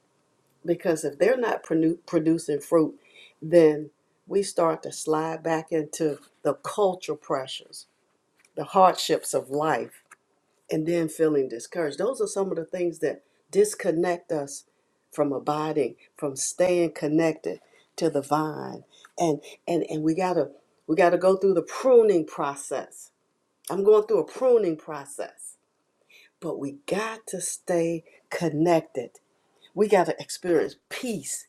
S7: Because if they're not produ- producing fruit, then we start to slide back into the cultural pressures, the hardships of life and then feeling discouraged. Those are some of the things that disconnect us from abiding, from staying connected to the vine. And and and we gotta we gotta go through the pruning process. I'm going through a pruning process, but we got to stay connected. We gotta experience peace,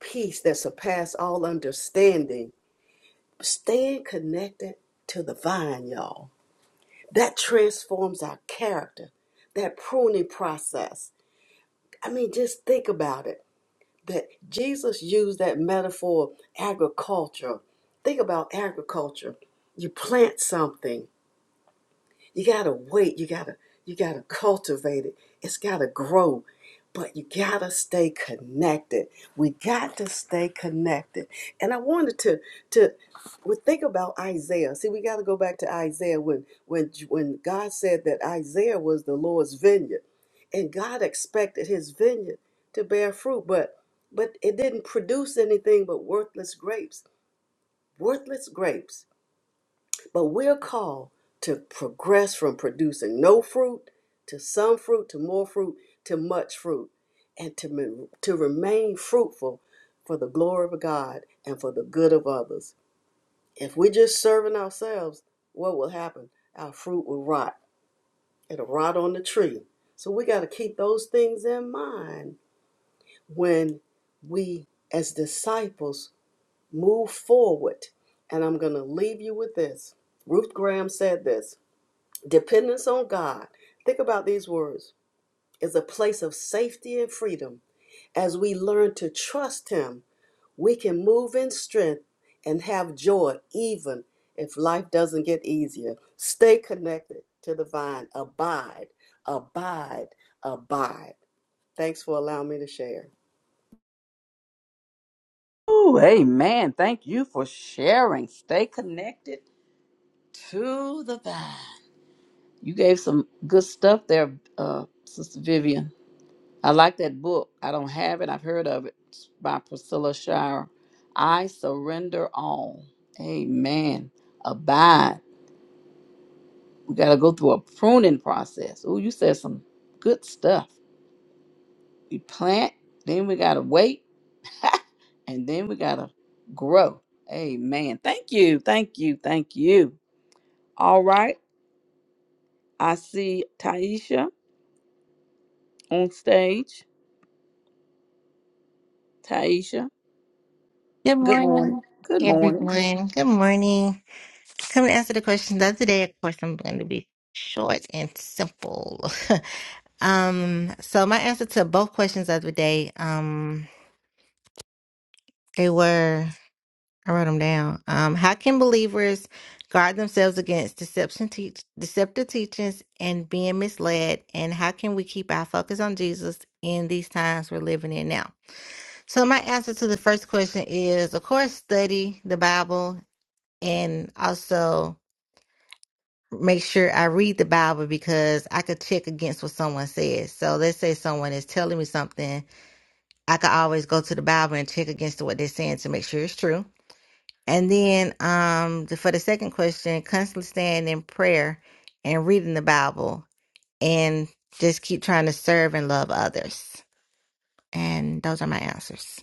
S7: peace that surpasses all understanding. Staying connected to the vine, y'all. That transforms our character that pruning process. I mean, just think about it that Jesus used that metaphor of agriculture. Think about agriculture. You plant something, you gotta wait. You gotta you gotta cultivate it. It's gotta grow. But you gotta stay connected. We got to stay connected. And I wanted to to well, think about Isaiah. See, we gotta go back to Isaiah when when when God said that Isaiah was the Lord's vineyard, and God expected His vineyard to bear fruit, but but it didn't produce anything but worthless grapes. Worthless grapes but we're called to progress from producing no fruit to some fruit to more fruit to much fruit and to, me- to remain fruitful for the glory of God and for the good of others. If we're just serving ourselves, what will happen? Our fruit will rot. It'll rot on the tree. So we got to keep those things in mind when we, as disciples, move forward. And I'm going to leave you with this. Ruth Graham said this Dependence on God, think about these words, is a place of safety and freedom. As we learn to trust Him, we can move in strength and have joy even if life doesn't get easier. Stay connected to the vine. Abide, abide, abide. Thanks for allowing me to share.
S2: Oh, amen. Thank you for sharing. Stay connected to the vine. You gave some good stuff there, uh, Sister Vivian. I like that book. I don't have it. I've heard of it It's by Priscilla Shire. I surrender all. Amen. Abide. We got to go through a pruning process. Oh, you said some good stuff. We plant, then we got to wait, and then we got to grow. Amen. Thank you. Thank you. Thank you. All right. I see Taisha on stage. Taisha,
S8: Good
S2: good morning.
S8: morning,
S2: Good morning.
S8: everyone. Good morning. Come and answer the questions of the day. Of course, I'm going to be short and simple. <laughs> um, so my answer to both questions of the day, um, they were I wrote them down. Um, how can believers guard themselves against deception, teach deceptive teachings, and being misled? And how can we keep our focus on Jesus in these times we're living in now? So my answer to the first question is, of course, study the Bible and also make sure I read the Bible because I could check against what someone says. So let's say someone is telling me something, I could always go to the Bible and check against what they're saying to make sure it's true. And then um the, for the second question, constantly staying in prayer and reading the Bible and just keep trying to serve and love others. And those are my answers.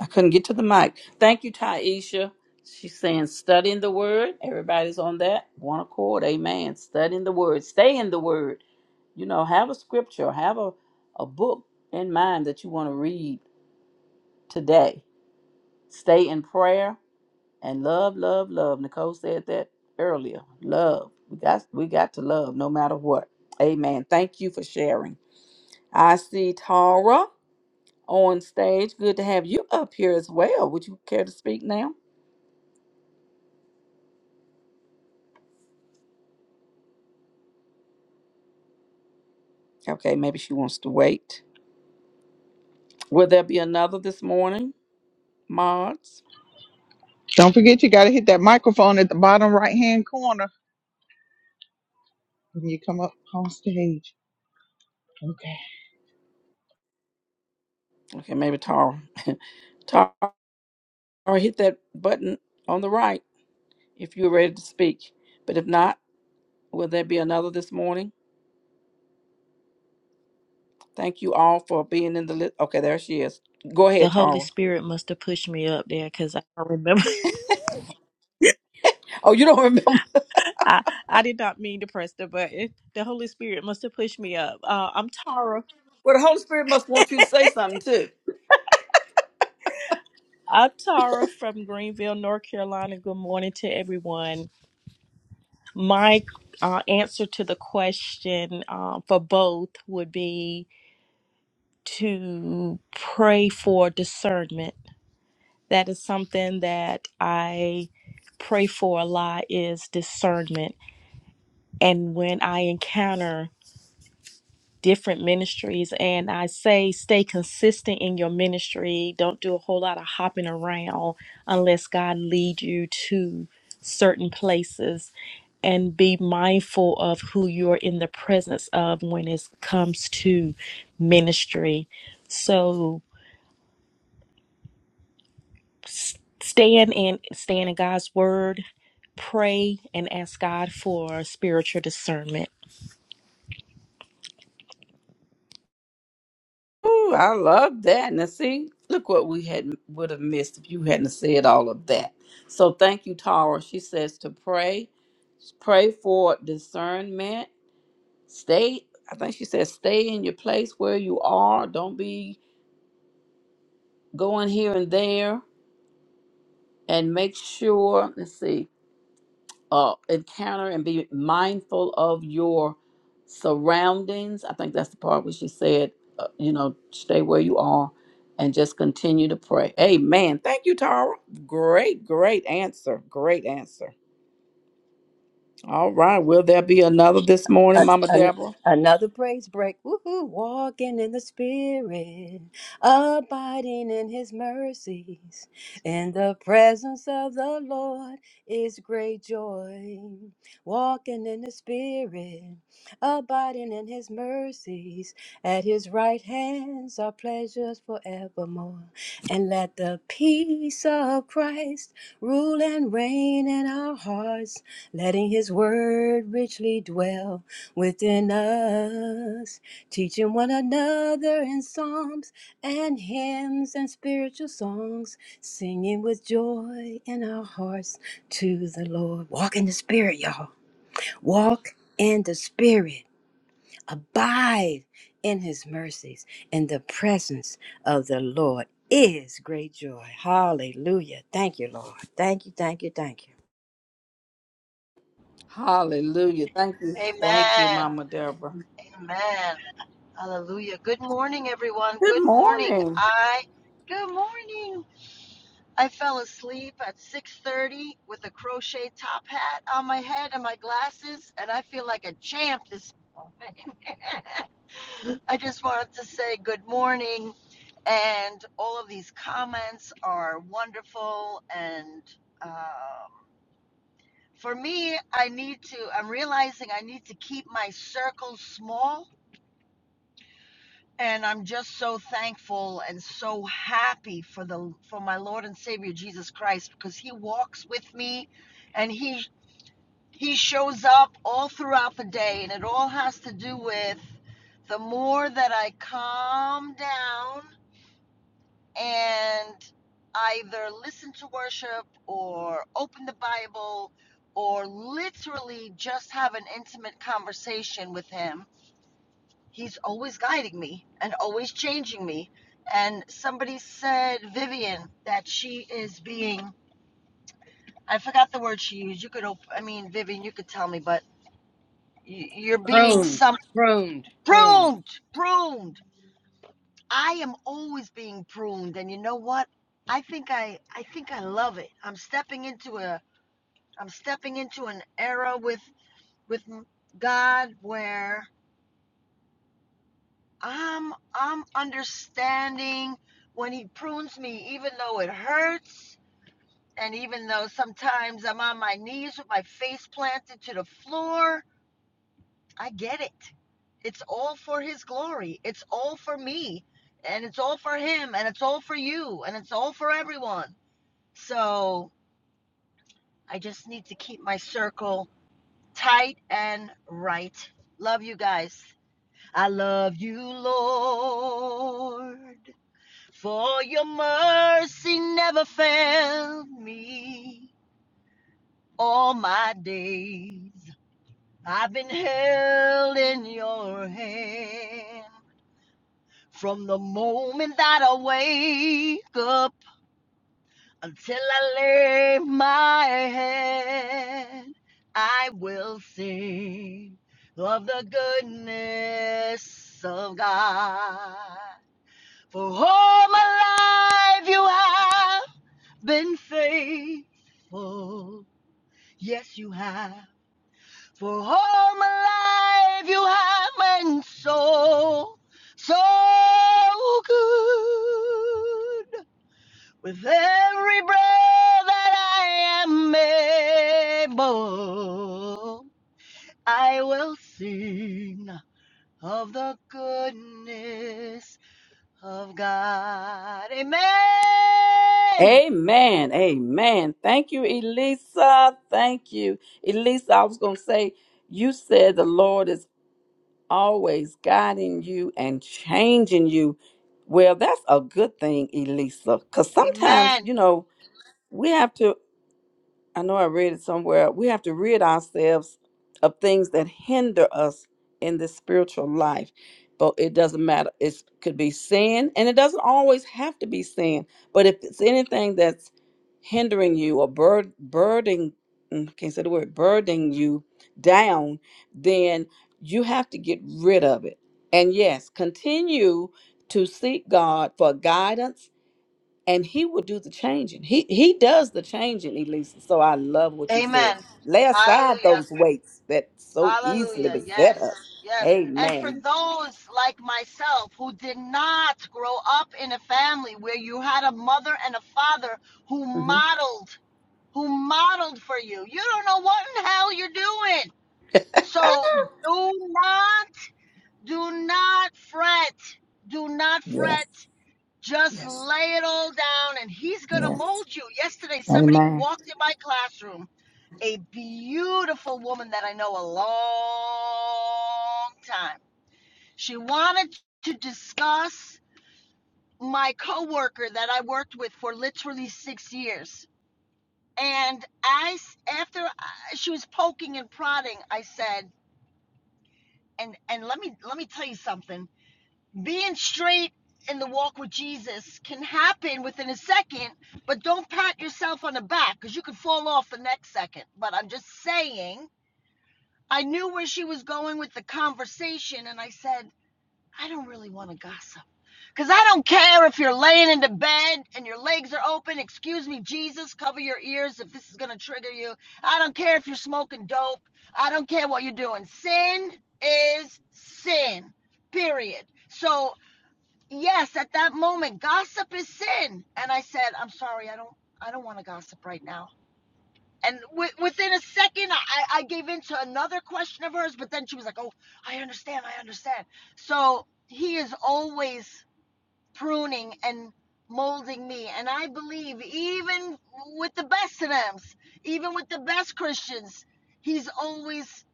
S2: I couldn't get to the mic. Thank you, Taisha. She's saying, studying the word. Everybody's on that. One accord. Amen. Studying the word. Stay in the word. You know, have a scripture, have a, a book in mind that you want to read today. Stay in prayer and love, love, love. Nicole said that earlier. Love. We got we got to love no matter what. Amen. Thank you for sharing. I see Tara on stage. Good to have you up here as well. Would you care to speak now? Okay, maybe she wants to wait. Will there be another this morning, Mods?
S1: Don't forget you gotta hit that microphone at the bottom right hand corner when you come up on stage.
S2: Okay, maybe Tara. <laughs> Tara, hit that button on the right if you're ready to speak. But if not, will there be another this morning? Thank you all for being in the list. Okay, there she is. Go
S9: The
S2: ahead,
S9: Holy
S2: Tara.
S9: Spirit must have pushed me up there because I don't remember. <laughs>
S2: Oh, you don't <laughs> remember?
S9: I, I did not mean to press the button. The Holy Spirit must have pushed me up. Uh, I'm Tara.
S2: Well, the Holy Spirit must want you to say something too.
S9: I'm Tara from Greenville, North Carolina. Good morning to everyone. My uh, answer to the question uh, for both would be to pray for discernment. That is something that I pray for a lot is discernment. And when I encounter different ministries and I say stay consistent in your ministry. Don't do a whole lot of hopping around unless God lead you to certain places and be mindful of who you're in the presence of when it comes to ministry. So s- stand in stand in God's word, pray and ask God for spiritual discernment.
S2: Ooh, I love that. Now, see, look what we had would have missed if you hadn't said all of that. So, thank you, Tara. She says to pray Pray for discernment. Stay, I think she said, stay in your place where you are. Don't be going here and there. And make sure, let's see, uh, encounter and be mindful of your surroundings. I think that's the part where she said, uh, you know, stay where you are and just continue to pray. Amen. Thank you, Tara. Great, great answer. Great answer. All right. Will there be another this morning,
S4: A-
S2: Mama
S4: an-
S2: Deborah?
S4: another praise break. Woohoo! Walking in the Spirit, abiding in His mercies. In the presence of the Lord is great joy. Walking in the Spirit, abiding in His mercies. At His right hands are pleasures forevermore. And let the peace of Christ rule and reign in our hearts, letting His word richly dwell within us, teaching one another in psalms and hymns and spiritual songs, singing with joy in our hearts to the Lord. Walk in the Spirit, y'all. Walk in the Spirit. Abide in His mercies. In the presence of the Lord is great joy. Hallelujah. Thank you, Lord. Thank you, thank you, thank you.
S2: Hallelujah. Thank you. Thank you,
S10: Amen.
S2: Mama Deborah.
S10: Amen. Hallelujah. Good morning, everyone.
S2: Good
S10: Good morning.
S2: morning.
S10: I. Good morning. I fell asleep at 6:30 with a crochet top hat on my head and my glasses, and I feel like a champ. This. I just wanted to say good morning, and all of these comments are wonderful. And um, for me, I need to. I'm realizing I need to keep my circles small and I'm just so thankful and so happy for the for my Lord and Savior Jesus Christ because he walks with me and he he shows up all throughout the day and it all has to do with the more that I calm down and either listen to worship or open the Bible or literally just have an intimate conversation with him He's always guiding me and always changing me. And somebody said, Vivian, that she is being, I forgot the word she used. You could, op- I mean, Vivian, you could tell me, but y- you're being
S4: Pruned,
S10: some
S4: pruned, pruned.
S10: pruned, pruned. I am always being pruned. And you know what? I think I, I think I love it. I'm stepping into a, I'm stepping into an era with, with God where I'm I'm understanding when he prunes me, even though it hurts, and even though sometimes I'm on my knees with my face planted to the floor. I get it. It's all for his glory. It's all for me. And it's all for him. And it's all for you. And it's all for everyone. So I just need to keep my circle tight and right. Love you guys. I love you, Lord. For your mercy never failed me all my days. I've been held in your hand from the moment that I wake up until I lay my head. I will sing of the goodness of God. For all my life you have been faithful. Yes, you have. For all my life, you have been so, so good. With every breath that I am able, I will sing of the goodness of God. Amen.
S2: Amen. Amen. Thank you, Elisa. Thank you. Elisa, I was going to say, you said the Lord is always guiding you and changing you. Well, that's a good thing, Elisa, because sometimes,
S10: Amen.
S2: you know, we have to. I know I read it somewhere. We have to rid ourselves of things that hinder us in this spiritual life. But it doesn't matter. It could be sin, and it doesn't always have to be sin. But if it's anything that's hindering you or bur- burdening, mm, I can't say the word, burdening you down, then you have to get rid of it. And yes, continue to seek God for guidance and he will do the changing. He he does the changing, Elisa. So I love what you said.
S10: Amen.
S2: Lay aside
S10: Hallelujah.
S2: those weights that so easily
S10: Hallelujah.
S2: beset
S10: Yes.
S2: us.
S10: Yes. And for
S2: Amen.
S10: those like myself who did not grow up in a family where you had a mother and a father who
S2: hmm
S10: modeled, who modeled for you, you don't know what in hell you're doing. So do not, do not fret. Do not
S2: Yes.
S10: fret. Just
S2: Yes.
S10: lay it all down and he's going to
S2: Yes.
S10: mold you. Yesterday, somebody
S2: Amen.
S10: walked in my classroom a beautiful woman that I know a long time. She wanted to discuss my coworker that I worked with for literally six years. And I, after she was poking and prodding, I said, and and let me let me tell you something. Being straight in the walk with Jesus can happen within a second, but don't pat yourself on the back because you could fall off the next second. But I'm just saying I knew where she was going with the conversation, and I said, I don't really want to gossip. Because I don't care if you're laying into bed and your legs are open. Excuse me, Jesus, cover your ears if this is going to trigger you. I don't care if you're smoking dope. I don't care what you're doing. Sin is sin, period. So, yes, at that moment, gossip is sin. And I said, I'm sorry, I don't. I don't want to gossip right now. And wi- within a second, I, I gave in to another question of hers, but then she was like, Oh, I understand, I understand. So he is always pruning and molding me. And I believe, even with the best of them, even with the best Christians, he's always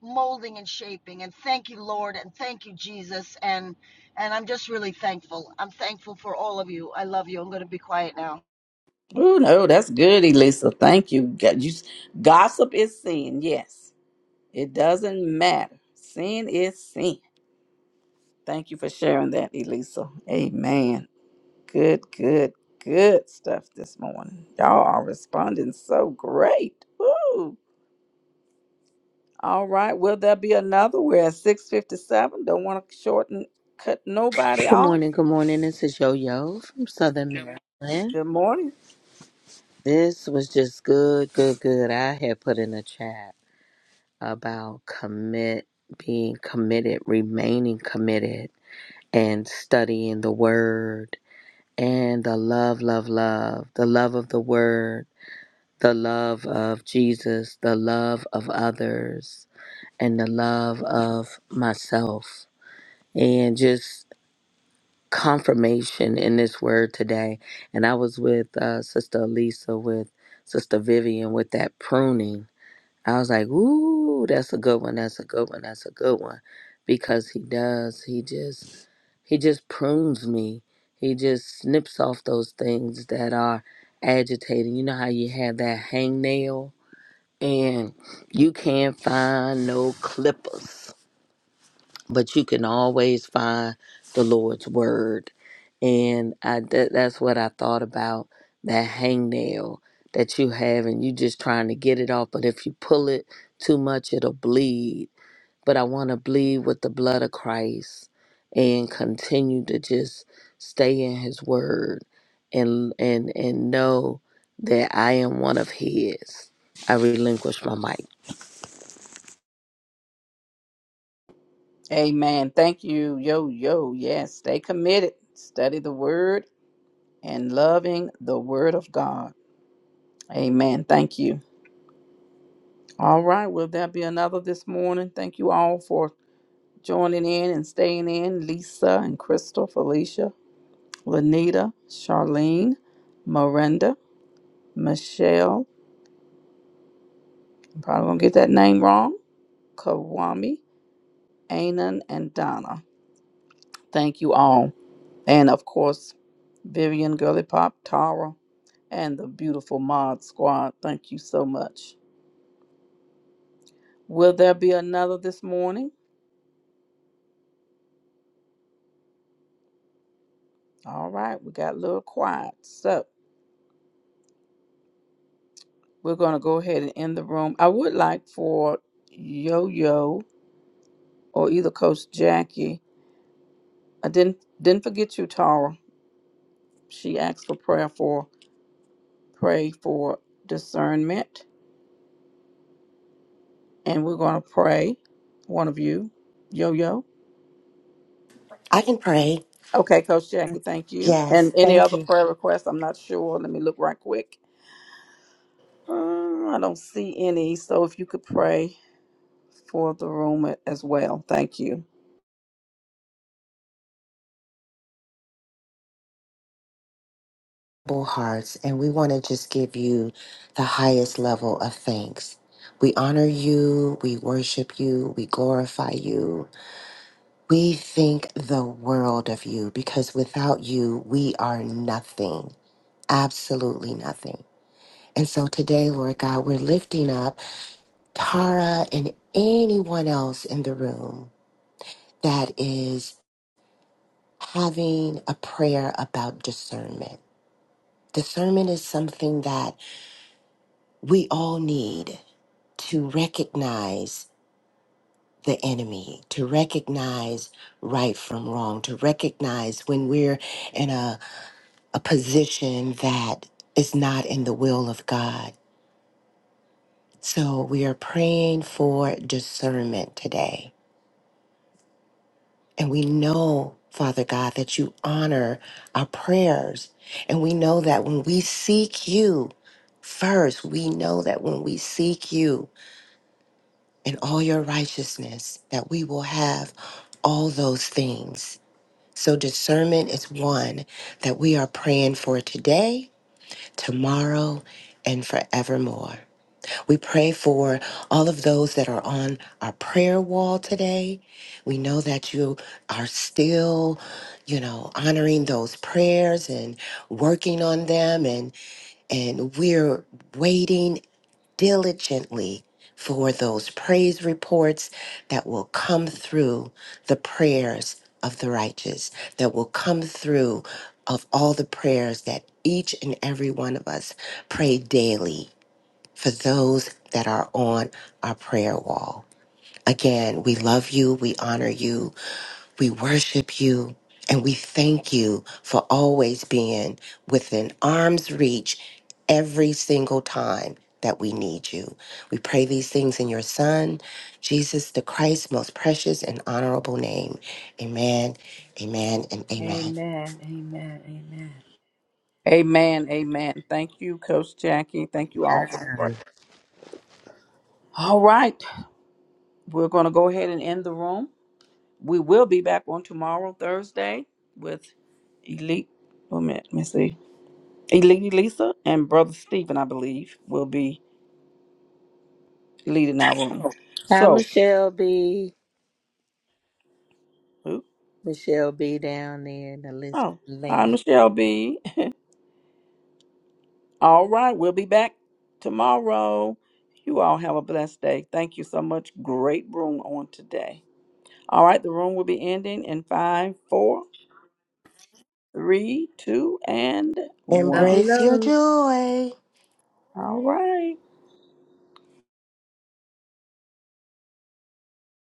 S10: molding and shaping. And thank you, Lord, and thank you, Jesus. And and I'm just really thankful. I'm thankful for all of you. I love you. I'm going to be quiet now.
S2: Oh no, that's good, Elisa. Thank you. God- you- Gossip is sin. Yes, it doesn't matter. Sin is sin. Thank you for sharing that, Elisa. Amen. Good, good, good stuff this morning. Y'all are responding so great. Woo! All right. Will there be another? We're at 657. Don't want to shorten, cut nobody
S11: Good
S2: off.
S11: morning, good morning. This is Yo Yo from Southern Maryland.
S2: Good morning.
S11: This was just good, good, good. I had put in a chat about commit, being committed, remaining committed, and studying the word and the love, love, love, the love of the word, the love of Jesus, the love of others, and the love of myself. And just confirmation in this word today. And I was with uh, Sister Elisa, with Sister Vivian, with that pruning. I was like, ooh, that's a good one. That's a good one. That's a good one. Because he does. He just, he just prunes me. He just snips off those things that are agitating. You know how you have that hangnail and you can't find no clippers but you can always find the Lord's word. And I that, that's what I thought about that hangnail that you have, and you just trying to get it off. But if you pull it too much, it'll bleed. But I want to bleed with the blood of Christ and continue to just stay in His word and and and know that I am one of His. I relinquish my mic.
S2: Amen. Thank you. Yo, yo. Yes. Stay committed. Study the word and loving the word of God. Amen. Thank you. All right. Will there be another this morning? Thank you all for joining in and staying in. Lisa and Crystal, Felicia. Lanita, Charlene, Miranda, Michelle, I'm probably gonna get that name wrong, Kawami, Anan, and Donna. Thank you all. And of course, Vivian, Girly Pop, Tara, and the beautiful Mod Squad. Thank you so much. Will there be another this morning? All right, we got a little quiet. So we're going to go ahead and end the room. I would like for Yo Yo or either Coach Jackie. I didn't didn't forget you, Tara She asked for prayer for pray for discernment, and we're going to pray. One of you, Yo Yo.
S12: I can pray.
S2: Okay, Coach Jackie, thank you. And
S12: Yes.
S2: any
S12: Thank
S2: other
S12: you,
S2: prayer requests? I'm not sure. Let me look right quick. Um, I don't see any. So if you could pray for the room a- as well, thank you.
S12: Bull Hearts. And we want to just give you the highest level of thanks. We honor you. We worship you. We glorify you. We think the world of you because without you, we are nothing, absolutely nothing. And so today, Lord God, we're lifting up Tara and anyone else in the room that is having a prayer about discernment Discernment is something that we all need to recognize the enemy, to recognize right from wrong, to recognize when we're in a, a position that is not in the will of God. So we are praying for discernment today. And we know, Father God, that you honor our prayers. And we know that when we seek you first, we know that when we seek you, and all your righteousness, that we will have all those things. So, discernment is one that we are praying for today, tomorrow, and forevermore. We pray for all of those that are on our prayer wall today. We know that you are still, you know, honoring those prayers and working on them and and we're waiting diligently for those praise reports that will come through the prayers of the righteous, that will come through of all the prayers that each and every one of us pray daily for those that are on our prayer wall. Again, we love you, we honor you, we worship you, and we thank you for always being within arm's reach every single time that we need you. We pray these things in your Son, Jesus the Christ, most precious and honorable name. Amen, amen, and amen.
S4: Amen, amen, amen.
S2: Amen. Amen. Thank you, Coach Jackie. Thank you all. All right, we're going to go ahead and end the room. We will be back on tomorrow, Thursday, with Elite. Wait a minute, let me see. And Lady Lisa and Brother Stephen, I believe, will be leading our room.
S11: Hi,
S2: So,
S11: Michelle B.
S2: ooh,
S11: Michelle B. down there in the list
S2: oh, hi, Michelle B. All right, we'll be back tomorrow. You all have a blessed day. Thank you so much. Great room on today. All right, the room will be ending in five, four, three, two, and
S4: Love you,
S2: one.
S12: Embrace your
S4: babylon
S12: joy.
S2: All right.